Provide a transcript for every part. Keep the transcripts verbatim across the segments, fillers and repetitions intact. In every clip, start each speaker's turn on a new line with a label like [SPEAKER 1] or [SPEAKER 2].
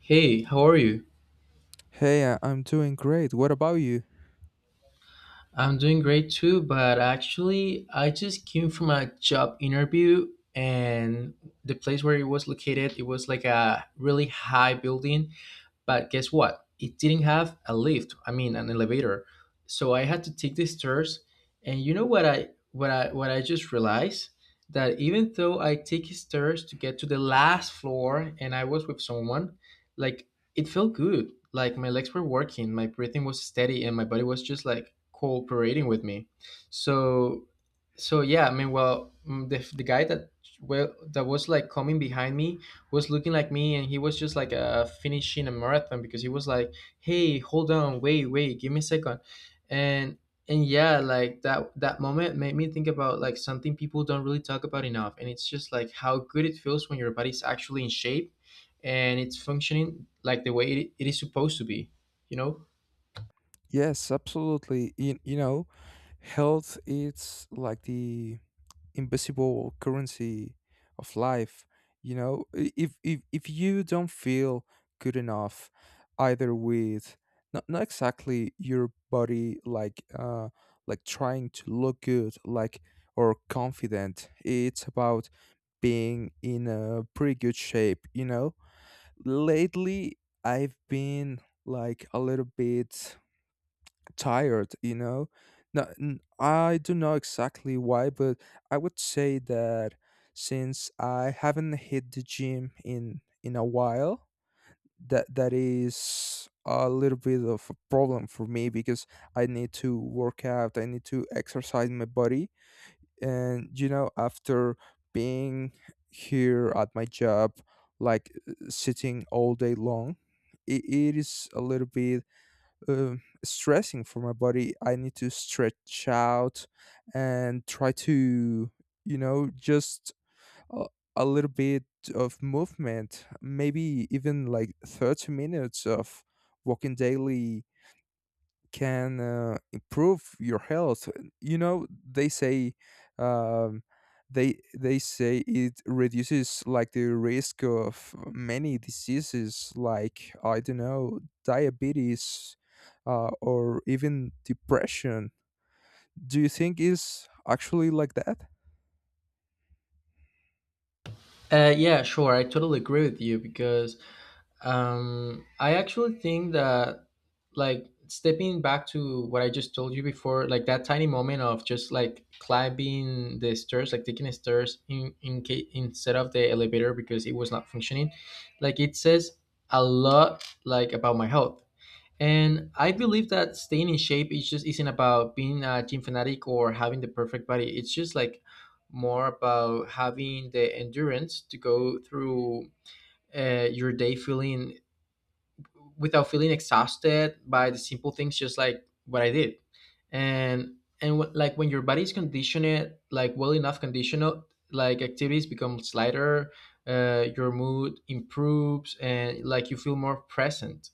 [SPEAKER 1] Hey, how are you?
[SPEAKER 2] Hey, I- I'm doing great. What about you?
[SPEAKER 1] I'm doing great too, but actually, I just came from a job interview and the place where it was located, it was like a really high building. But guess what? It didn't have a lift. I mean, an elevator. So I had to take the stairs. And you know what I what I what I just realized that even though I take stairs to get to the last floor and I was with someone, like it felt good. Like my legs were working, my breathing was steady, and my body was just like cooperating with me. So so yeah, I mean, well, mm, the, the guy that well that was like coming behind me was looking like me, and he was just like uh, finishing a marathon, because he was like, "Hey, hold on, wait wait, give me a second," and and yeah, like that that moment made me think about like something people don't really talk about enough, and it's just like how good it feels when your body's actually in shape and it's functioning like the way it, it is supposed to be you know
[SPEAKER 2] Yes, absolutely. You, you know, health it's like the invisible currency of life. You know, I- if if if you don't feel good enough, either with not not exactly your body, like uh, like trying to look good, like or confident. It's about being in a pretty good shape. You know, lately I've been like a little bit tired, you know. No, n- I don't know exactly why, but I would say that since I haven't hit the gym in in a while, that that is a little bit of a problem for me because I need to work out, I need to exercise my body, and you know after being here at my job like uh, sitting all day long it, it is a little bit um, stressing for my body. I need to stretch out and try to you know just a, a little bit of movement, maybe even like thirty minutes of walking daily can uh, improve your health. You know, they say um, they they say it reduces like the risk of many diseases, like I don't know, diabetes, uh, or even depression. Do you think is actually like that?
[SPEAKER 1] uh, yeah, sure, I totally agree with you because Um, I actually think that, like, stepping back to what I just told you before, like that tiny moment of just like climbing the stairs, like taking the stairs in in case instead of the elevator because it was not functioning, like it says a lot, like about my health. And I believe that staying in shape is just isn't about being a gym fanatic or having the perfect body. It's just like more about having the endurance to go through uh, your day feeling, without feeling exhausted by the simple things, just like what I did. And and wh- like when your body is conditioned, like well enough conditional, like activities become lighter, uh, your mood improves, and like you feel more present,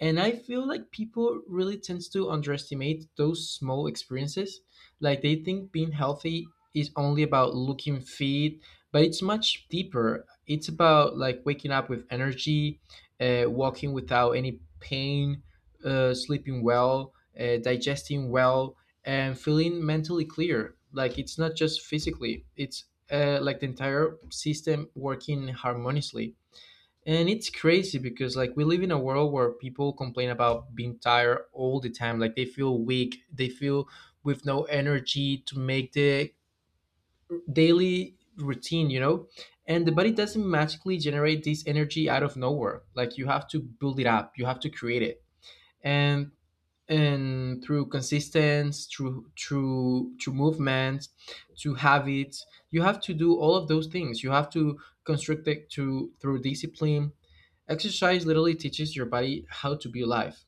[SPEAKER 1] and I feel like people really tends to underestimate those small experiences. Like they think being healthy is only about looking fit, but it's much deeper. It's about like waking up with energy, uh, walking without any pain, uh, sleeping well, uh, digesting well, and feeling mentally clear. Like it's not just physically, it's uh, like the entire system working harmoniously. And it's crazy, because like we live in a world where people complain about being tired all the time. Like they feel weak, they feel with no energy to make the daily routine, you know? And the body doesn't magically generate this energy out of nowhere. Like you have to build it up, you have to create it. And and through consistency, through through through movement, through habits, you have to do all of those things, you have to construct it to through discipline. Exercise literally teaches your body how to be alive,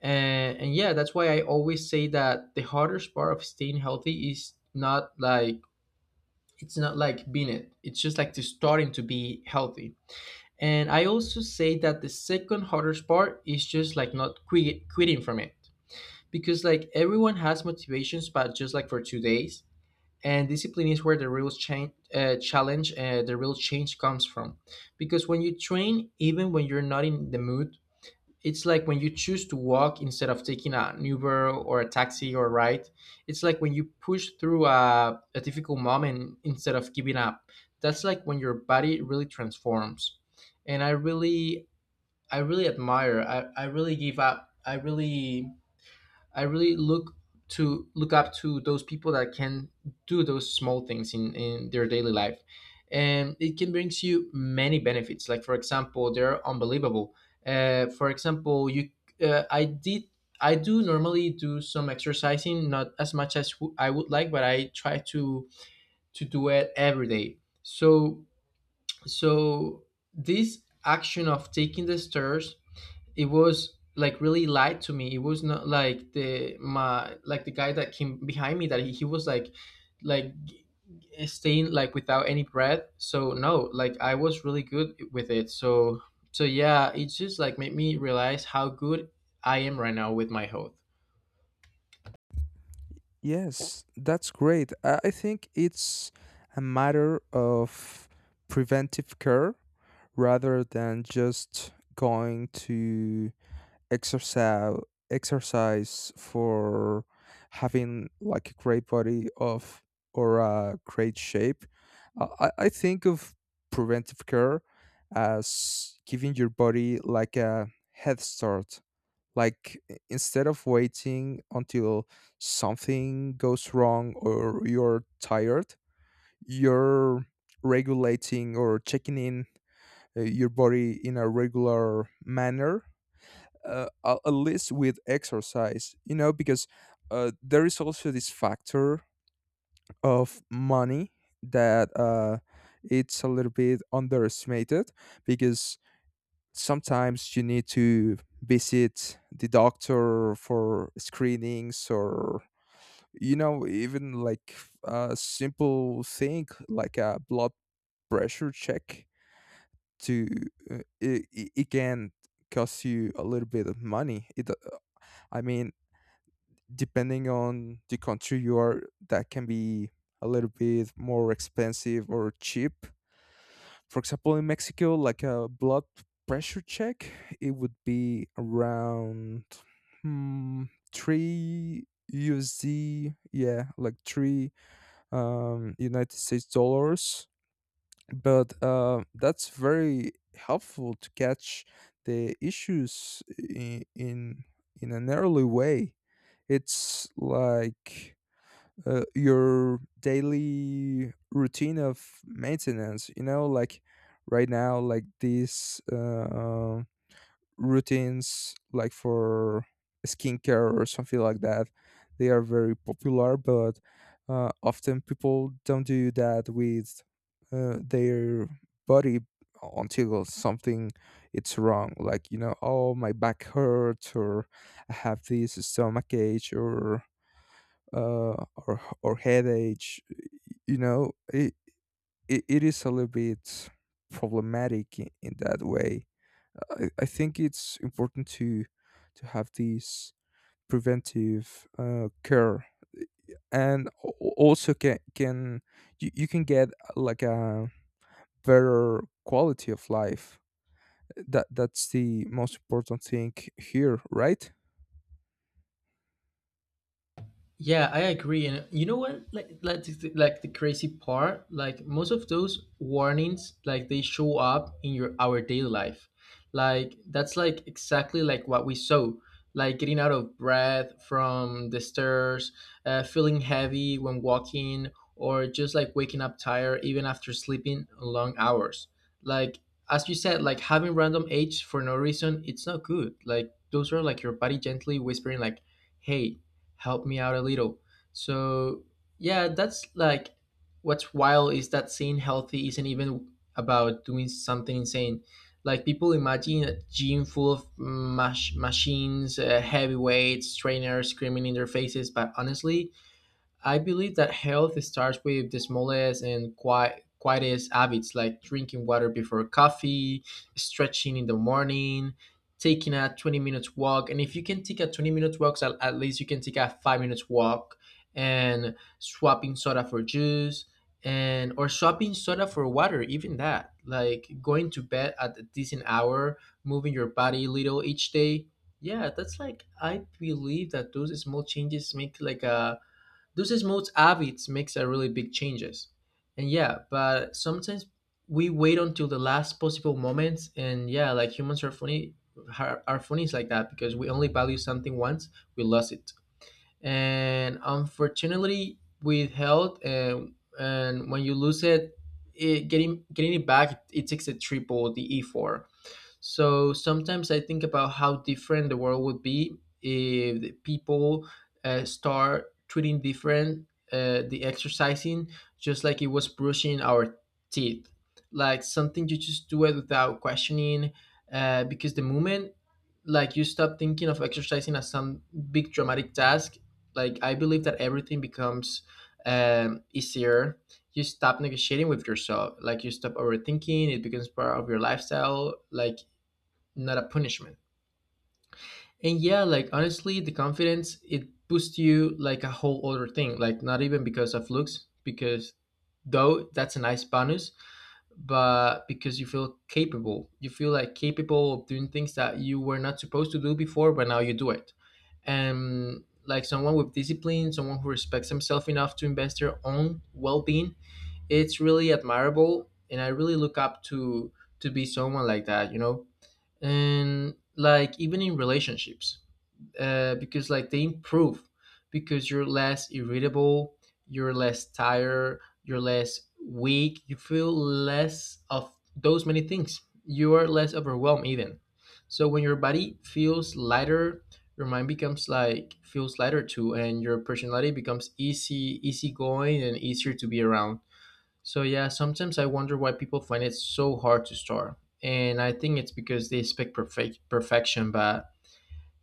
[SPEAKER 1] and, and yeah, that's why I always say that the hardest part of staying healthy is not like, it's not like being, it it's just like to starting to be healthy. And I also say that the second hardest part is just like not quit, quitting from it, because like everyone has motivations, but just like for two days. And discipline is where the real change uh, challenge uh, the real change comes from. Because when you train, even when you're not in the mood, it's like when you choose to walk instead of taking an Uber or a taxi or a ride. It's like when you push through a, a difficult moment instead of giving up, that's like when your body really transforms. And i really i really admire i, I really give up i really I really look to look up to those people that can do those small things in, in their daily life. And it can brings you many benefits. Like for example, they're unbelievable. Uh, for example, you uh, I did I do normally do some exercising, not as much as w- I would like, but I try to to do it every day. So so this action of taking the stairs, it was like really lied to me. It was not like the my like the guy that came behind me, that he, he was like like g- g- staying like without any breath. So no, like I was really good with it. So so yeah, it just like made me realize how good I am right now with my health.
[SPEAKER 2] Yes, that's great. I I think it's a matter of preventive care rather than just going to exercise exercise for having like a great body of or a great shape. Uh, I, I think of preventive care as giving your body like a head start. Like i- instead of waiting until something goes wrong or you're tired, you're regulating or checking in uh, your body in a regular manner, uh, a- at least with exercise, you know, because uh, there is also this factor of money that uh, it's a little bit underestimated because sometimes you need to visit the doctor for screenings, or you know even like a simple thing like a blood pressure check to uh, it, it it can cost you a little bit of money. it do- I mean, depending on the country you are, that can be a little bit more expensive or cheap. For example, in Mexico, like a blood pressure check, it would be around hmm, three u s d usd. Yeah, like three um united states dollars, but uh, that's very helpful to catch the issues in in, in an early way. It's like uh, your daily routine of maintenance. You know like right now, like this uh, routines like for skincare or something like that, they are very popular, but uh, often people don't do that with uh, their body until something it's wrong. Like, you know, oh, my back hurts, or I have this stomach ache, or uh or, or headache. you know it, it, it is a little bit problematic in, in that way. I, I think it's important to to have this preventive uh, care, and al- also can can you, you can get uh, like a better quality of life. That that's the most important thing here, right?
[SPEAKER 1] Yeah, I agree. And you know what? Like, like, the- like the crazy part, like most of those warnings, like they show up in your our daily life. Like that's like exactly like what we saw. Like getting out of breath from the stairs, uh, feeling heavy when walking, or just like waking up tired even after sleeping long hours. Like as you said, like having random aches for no reason, it's not good. Like those are like your body gently whispering, like, "Hey, help me out a little." So yeah, that's like what's wild is that saying healthy isn't even about doing something insane. Like people imagine a gym full of mach- machines, uh, heavy weights, trainers screaming in their faces, but honestly, I believe that health starts with the smallest and quiet, quietest habits, like drinking water before coffee, stretching in the morning, taking a twenty minutes walk. And if you can take a twenty minutes walk, at, at least you can take a five minutes walk, and swapping soda for juice, and or swapping soda for water, even that. Like going to bed at a decent hour, moving your body a little each day. Yeah, that's like I believe that those small changes make like a those small habits makes a really big changes. And yeah, but sometimes we wait until the last possible moments. And yeah, like humans are funny, are, are funny is like that, because we only value something once we lost it. And unfortunately with health, and and when you lose it, it getting getting it back, it takes a triple the effort. So sometimes I think about how different the world would be if the people uh, start treating different uh, the exercising, just like it was brushing our teeth, like something you just do it without questioning, uh, because the moment, like, you stop thinking of exercising as some big dramatic task, like I believe that everything becomes um, easier. You stop negotiating with yourself, like you stop overthinking, it becomes part of your lifestyle, like not a punishment. And yeah, like honestly, the confidence it boosts you like a whole other thing. Like not even because of looks, because though that's a nice bonus, but because you feel capable. You feel like capable of doing things that you were not supposed to do before, but now you do it. And like someone with discipline, someone who respects himself enough to invest their own well being, it's really admirable, and I really look up to to be someone like that you know And like even in relationships, uh, because like they improve, because you're less irritable, you're less tired, you're less weak, you feel less of those many things, you are less overwhelmed even. So when your body feels lighter, your mind becomes like feels lighter too, and your personality becomes easy easygoing and easier to be around. So yeah, sometimes I wonder why people find it so hard to start. And I think it's because they expect perfect perfection, but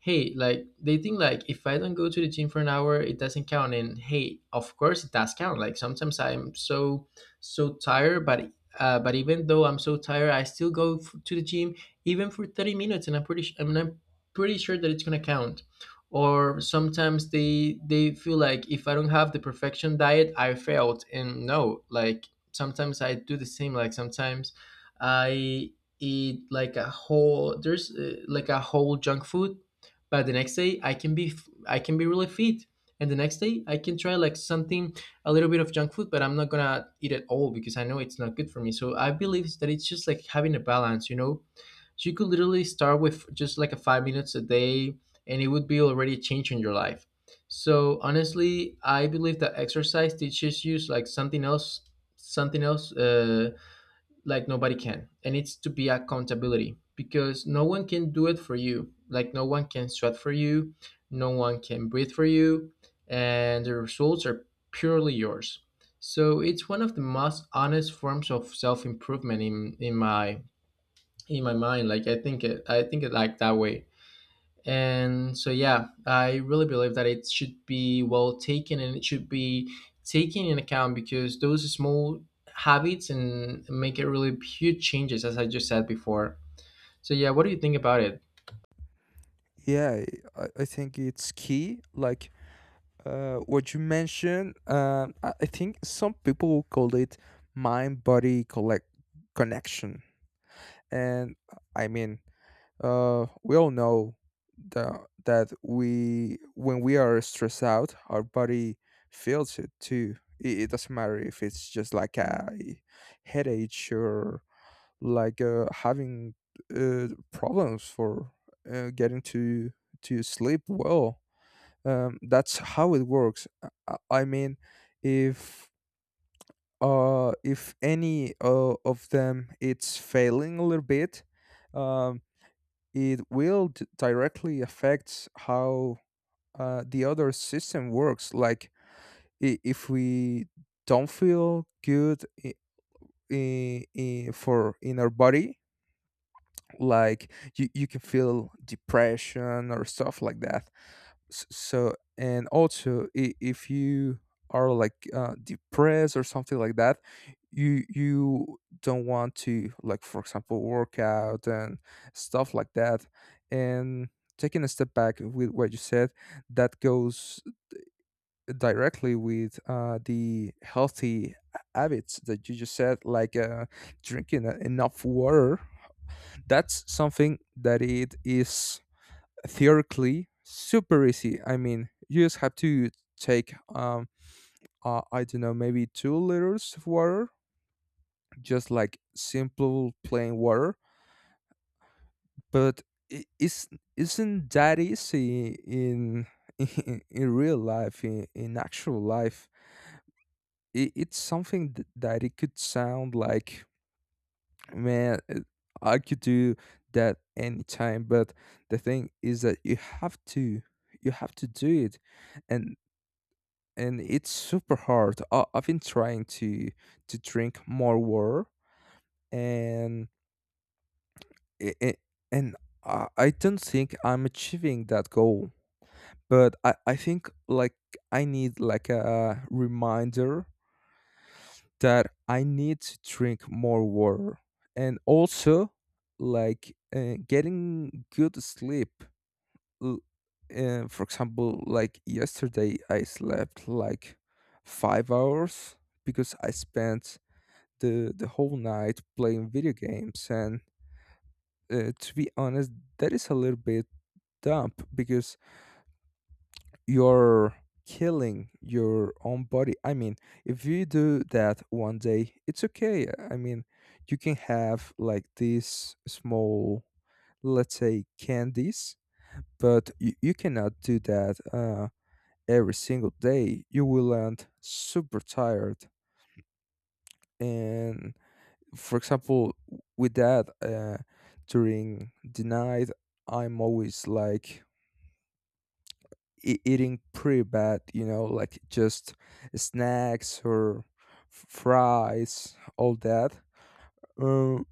[SPEAKER 1] hey, like they think like if I don't go to the gym for an hour it doesn't count. And hey, of course it does count. Like sometimes I'm so so tired, but uh, but even though I'm so tired I still go f- to the gym even for thirty minutes, and I'm pretty sh- I mean, i'm pretty sure that it's going to count. Or sometimes they they feel like if I don't have the perfection diet I failed, and no, like sometimes I do the same. Like sometimes I eat like a whole there's uh, like a whole junk food, but the next day I can be, I can be really fit. And the next day I can try like something, a little bit of junk food, but I'm not gonna eat it all because I know it's not good for me, so I believe that it's just like having a balance you know You could literally start with just like a five minutes a day, and it would be already a change in your life. So honestly I believe that exercise teaches you like something else something else uh, like nobody can, and it's to be accountability, because no one can do it for you, like no one can sweat for you, no one can breathe for you, and the results are purely yours. So it's one of the most honest forms of self-improvement in, in my in my mind, like I think it i think it like that way. And so, yeah, I really believe that it should be well taken and it should be taken in account, because those small habits and make it really huge changes, as I just said before. So, yeah, what do you think about it?
[SPEAKER 2] Yeah, i, I think it's key like uh, what you mentioned. Um, I, I think some people call it mind body collect connection. And I mean, uh, we all know that that we when we are stressed out, our body feels it too. It, it doesn't matter if it's just like a headache or like uh, having uh, problems for uh, getting to to sleep well. Um, that's how it works. I, I I mean, if uh, if any uh, of them it's failing a little bit, um, it will d- directly affect how uh, the other system works. Like i- if we don't feel good I- I- I- for in our body, like you, you can feel depression or stuff like that. S- so and also i- if you are like uh, depressed or something like that, you you don't want to, like, for example, work out and stuff like that. And taking a step back with what you said, that goes directly with uh, the healthy habits that you just said, like uh, drinking uh, enough water. That's something that it is theoretically super easy. I mean, you just have to take um uh, I don't know, maybe two liters of water, just like simple plain water. But it is isn't that easy in in, in real life, in, in actual life. It, it's something th- that it could sound like, man, it- I could do that anytime, but the thing is that you have to you have to do it. And and it's super hard. I, i've been trying to to drink more water, and it, it, and I, I don't think I'm achieving that goal. But i i think like I need like a reminder that I need to drink more water. And also like uh, getting good sleep. L- Uh, for example, like yesterday, I slept like five hours because I spent the the whole night playing video games. And uh, to be honest, that is a little bit dumb because you're killing your own body. I mean, if you do that one day, it's okay. I mean, you can have like these small, let's say, candies, but you, you cannot do that uh, every single day. You will end super tired. And for example, w- with that, uh, during the night, I'm always like e- eating pretty bad, you know, like just snacks or f- fries, all that. Um,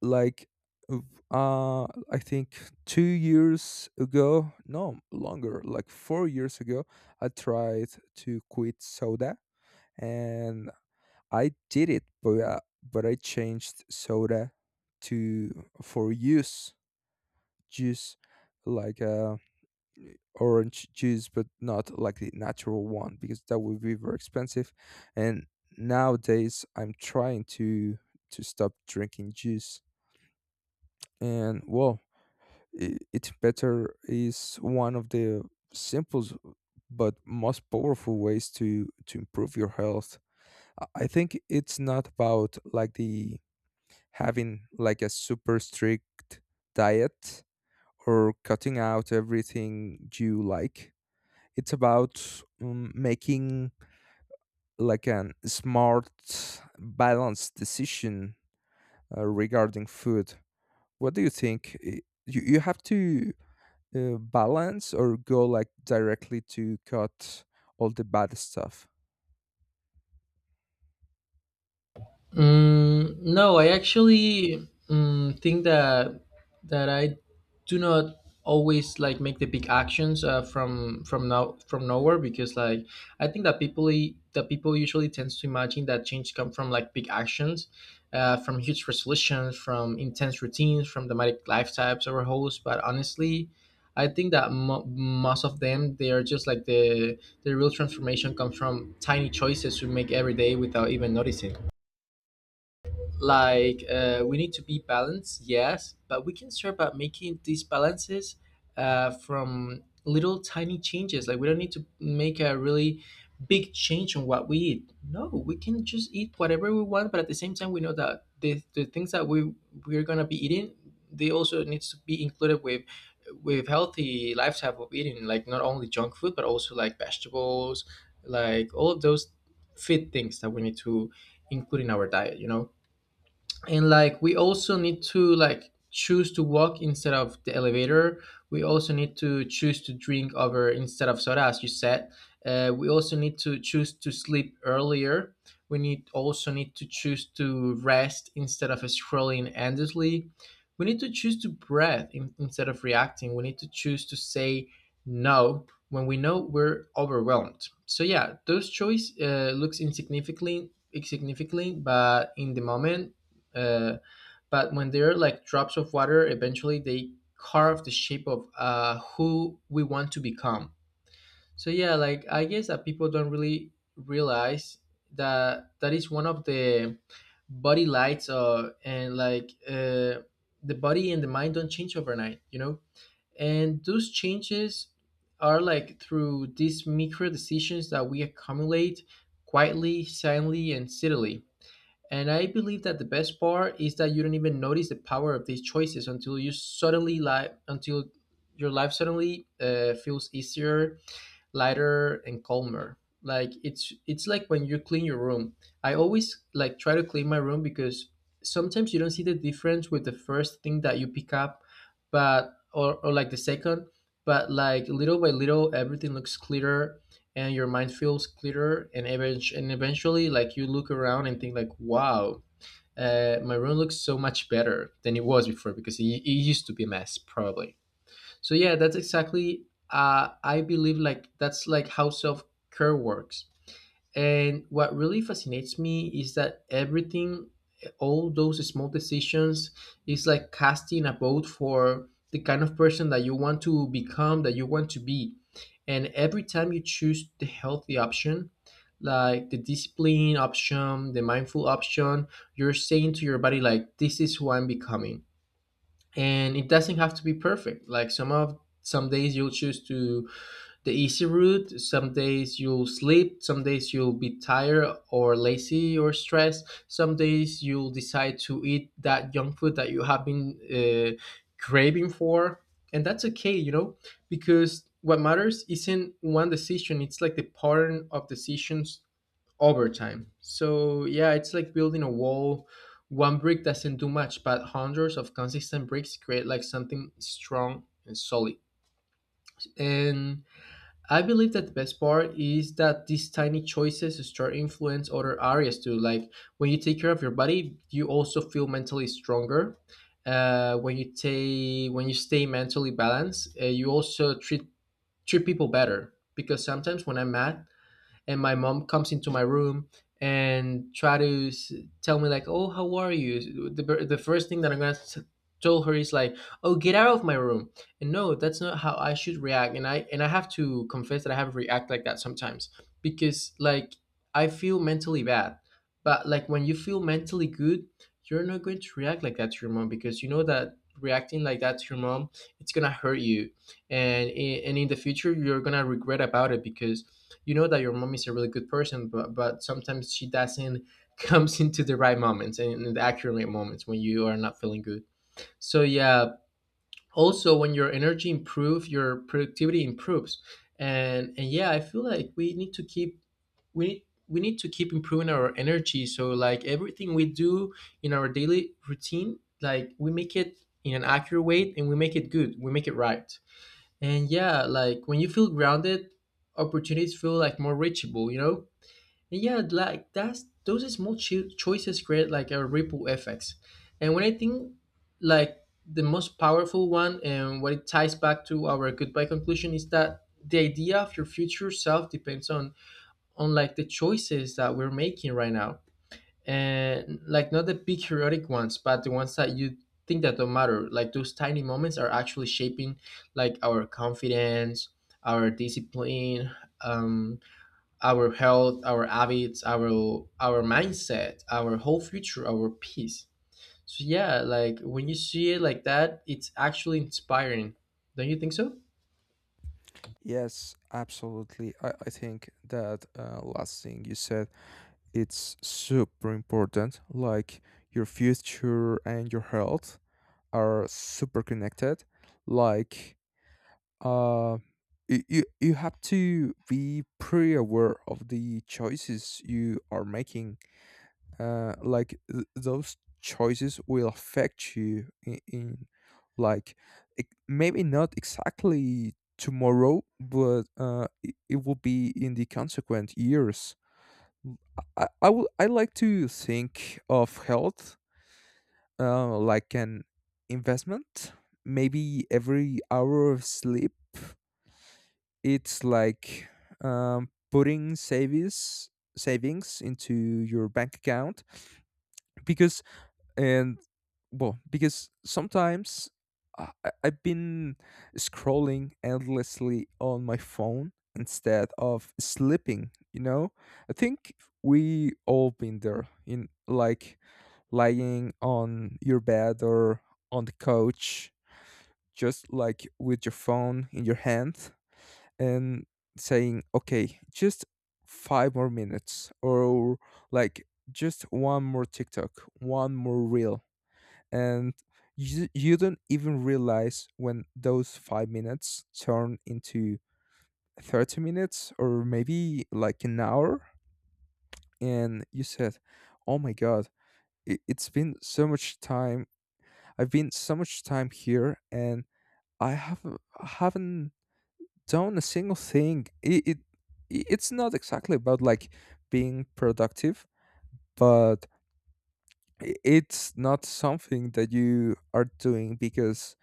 [SPEAKER 2] like, uh, uh, I think two years ago, no, longer, like four years ago, I tried to quit soda, and I did it, but, uh, but I changed soda to for use juice, like uh orange juice, but not like the natural one because that would be very expensive. And nowadays, I'm trying to to stop drinking juice. And well, i- it's better is one of the simplest but most powerful ways to to improve your health. I I think it's not about like the having like a super strict diet or cutting out everything you like. It's about um, making like an smart balanced decision uh, regarding food. What do you think? I- you, you have to uh, balance or go like directly to cut all the bad stuff?
[SPEAKER 1] Mm, no, I actually mm, think that that I do not always like make the big actions uh, from from now from nowhere, because like I think that people i- that people usually tends to imagine that change come from like big actions, uh, from huge resolutions, from intense routines, from dramatic lifestyles or hosts. But honestly, I think that mo- most of them, they are just like the the real transformation comes from tiny choices we make every day without even noticing. Like uh, we need to be balanced, yes, but we can start by making these balances uh, from little tiny changes. Like we don't need to make a really big change on what we eat. No, we can just eat whatever we want, but at the same time we know that the, the things that we we're gonna be eating, they also needs to be included with with healthy lifestyle of eating, like not only junk food but also like vegetables, like all of those fit things that we need to include in our diet, you know. And like we also need to like choose to walk instead of the elevator. We also need to choose to drink over instead of soda, as you said. Uh, we also need to choose to sleep earlier. We need also need to choose to rest instead of scrolling endlessly. We need to choose to breathe in, instead of reacting. We need to choose to say no when we know we're overwhelmed. So yeah, those choice uh, looks insignificantly insignificantly, but in the moment, uh, but when they are like drops of water, eventually they carve the shape of uh, who we want to become. So yeah, like I guess that people don't really realize that that is one of the body lights, uh, and like uh, the body and the mind don't change overnight, you know? And those changes are like through these micro decisions that we accumulate quietly, silently, and subtly. And I believe that the best part is that you don't even notice the power of these choices until you suddenly like until your life suddenly uh, feels easier, lighter and calmer. Like it's it's like when you clean your room. I always like try to clean my room because sometimes you don't see the difference with the first thing that you pick up, but or, or like the second, but like little by little everything looks clearer and your mind feels clearer, and eventu- and eventually like you look around and think like, wow, uh, my room looks so much better than it was before, because it, it used to be a mess probably. So yeah, that's exactly. Uh, I believe like that's like how self care works. And what really fascinates me is that everything, all those small decisions, is like casting a vote for the kind of person that you want to become, that you want to be. And every time you choose the healthy option, like the discipline option, the mindful option, you're saying to your body like, "This is who I'm becoming." And it doesn't have to be perfect. Like some of some days you'll choose to the easy route, some days you'll sleep, some days you'll be tired or lazy or stressed, some days you'll decide to eat that junk food that you have been uh, craving for, and that's okay, you know. Because what matters isn't one decision, it's like the pattern of decisions over time. So yeah, it's like building a wall. One brick doesn't do much, but hundreds of consistent bricks create like something strong and solid. And I believe that the best part is that these tiny choices start influence other areas too. Like when you take care of your body, you also feel mentally stronger. Uh, when you take when you stay mentally balanced, uh, you also treat treat people better. Because sometimes when I'm mad, and my mom comes into my room and try to s- tell me like, oh, how are you, the, bir- the first thing that I'm gonna s- tell her is like, oh, get out of my room. And no, that's not how I should react, and i and i have to confess that I have react like that sometimes, because like I feel mentally bad. But like when you feel mentally good, you're not going to react like that to your mom, because you know that reacting like that to your mom, it's gonna hurt you. And i- and in the future you're gonna regret about it, because you know that your mom is a really good person, but but sometimes she doesn't comes into the right moments and in the accurate moments when you are not feeling good. So yeah, also when your energy improves, your productivity improves. And and yeah, I feel like we need to keep we need we need to keep improving our energy, so like everything we do in our daily routine, like we make it in an accurate way, and we make it good, we make it right. And yeah, like when you feel grounded, opportunities feel like more reachable, you know? And yeah, like that's those small cho- choices create like a ripple effects. And when I think like the most powerful one and what it ties back to our goodbye conclusion is that the idea of your future self depends on on like the choices that we're making right now. And like not the big heroic ones, but the ones that you think that don't matter, like those tiny moments are actually shaping like our confidence, our discipline, um, our health, our habits, our our mindset, our whole future, our peace. So yeah, like when you see it like that, it's actually inspiring, don't you think so?
[SPEAKER 2] Yes, absolutely. I, I think that uh, last thing you said, it's super important. Like your future and your health are super connected. Like uh you, you you have to be pretty aware of the choices you are making. Uh like th- those choices will affect you in, in like it, maybe not exactly tomorrow, but uh it, it will be in the consequent years. Mm, I, I would I like to think of health uh, like an investment. Maybe every hour of sleep it's like um, putting savings savings into your bank account. Because and well, because sometimes I, I- I've been scrolling endlessly on my phone instead of sleeping. You know, I think we all been there in, like, lying on your bed or on the couch, just like with your phone in your hand and saying, okay, just five more minutes, or like just one more TikTok, one more reel. And you, you don't even realize when those five minutes turn into thirty minutes or maybe like an hour. And you said, oh my God, it, it's been so much time. I've been so much time here, and I have, haven't done a single thing. It, it i- it's not exactly about like being productive, but i- it's not something that you are doing because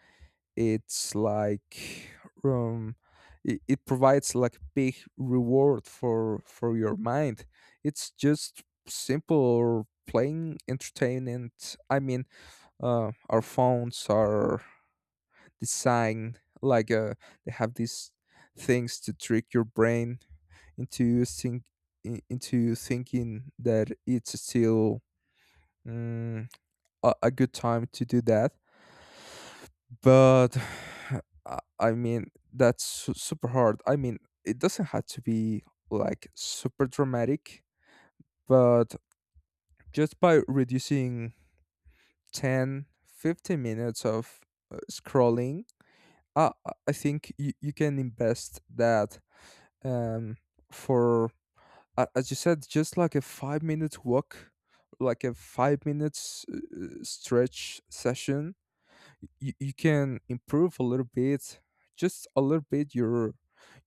[SPEAKER 2] it's like um it, it provides like big reward for for your mind. It's just simple playing entertainment. I mean, uh, our phones are designed like uh, they have these things to trick your brain into think i- into thinking that it's still mm, a, a good time to do that. But I I mean, that's su- super hard. I mean, it doesn't have to be like super dramatic, but just by reducing ten, fifteen minutes of uh, scrolling, uh, I I think you, you can invest that um, for a- as you said, just like a five minute walk, like a five minutes uh, stretch session. You, you can improve a little bit, just a little bit your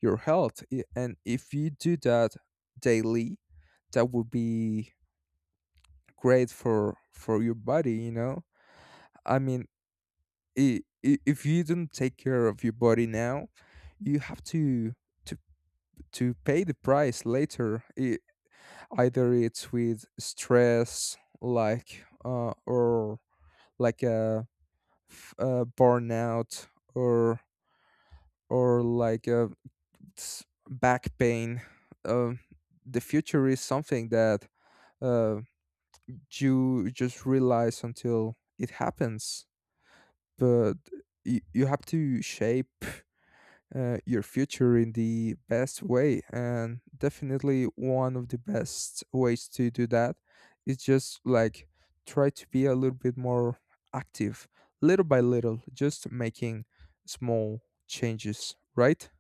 [SPEAKER 2] your health. I- And if you do that daily, that would be great for for your body. You know, I mean, i- i- if you don't take care of your body now, you have to to to pay the price later. I Either it's with stress like uh, or like a, f- a burnout, or or like a s- back pain. um, the future is something that uh, you just realize until it happens, but you, you have to shape uh, your future in the best way. And definitely one of the best ways to do that is just like try to be a little bit more active, little by little, just making small changes, right?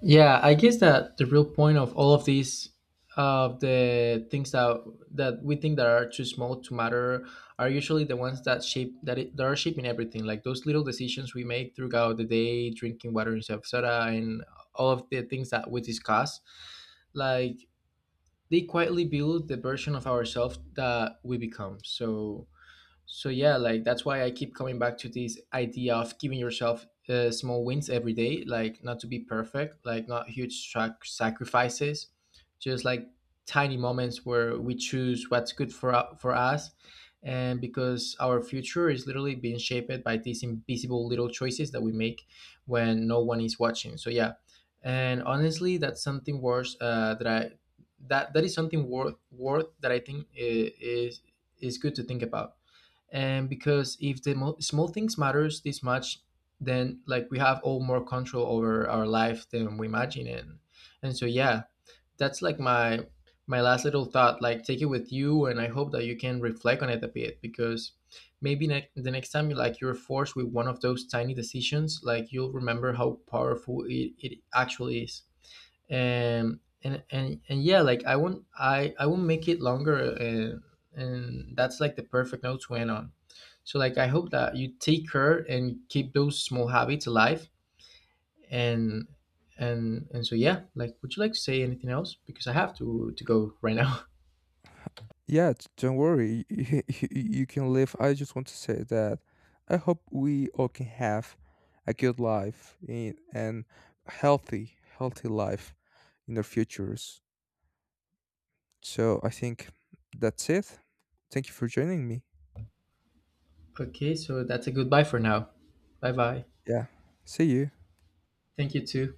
[SPEAKER 1] Yeah, I guess that the real point of all of these, of the things that that we think that are too small to matter, are usually the ones that shape that, it, that are shaping everything. Like those little decisions we make throughout the day, drinking water instead of soda, and all of the things that we discuss, like they quietly build the version of ourselves that we become. So so yeah, like that's why I keep coming back to this idea of giving yourself uh, small wins every day, like not to be perfect, like not huge sac- sacrifices, just like tiny moments where we choose what's good for u- for us, and because our future is literally being shaped by these invisible little choices that we make when no one is watching. So yeah, and honestly, that's something worse uh, that I that that is something worth worth that I think i- is is good to think about. And because if the mo- small things matters this much, then like we have all more control over our life than we imagine. And and so yeah, that's like my my last little thought. Like take it with you, and I hope that you can reflect on it a bit, because maybe ne- the next time you like you're forced with one of those tiny decisions, like you'll remember how powerful it, it actually is. And and and, and yeah, like i won't i I won't make it longer, and and that's like the perfect note to end on. So like I hope that you take care and keep those small habits alive. And and and so yeah, like would you like to say anything else? Because I have to to go right now.
[SPEAKER 2] Yeah, d- don't worry. you you can live. I just want to say that I hope we all can have a good life in, and healthy healthy life in their futures. So I think that's it. Thank you for joining me.
[SPEAKER 1] Okay, so that's a goodbye for now. Bye bye.
[SPEAKER 2] Yeah. See you.
[SPEAKER 1] Thank you too.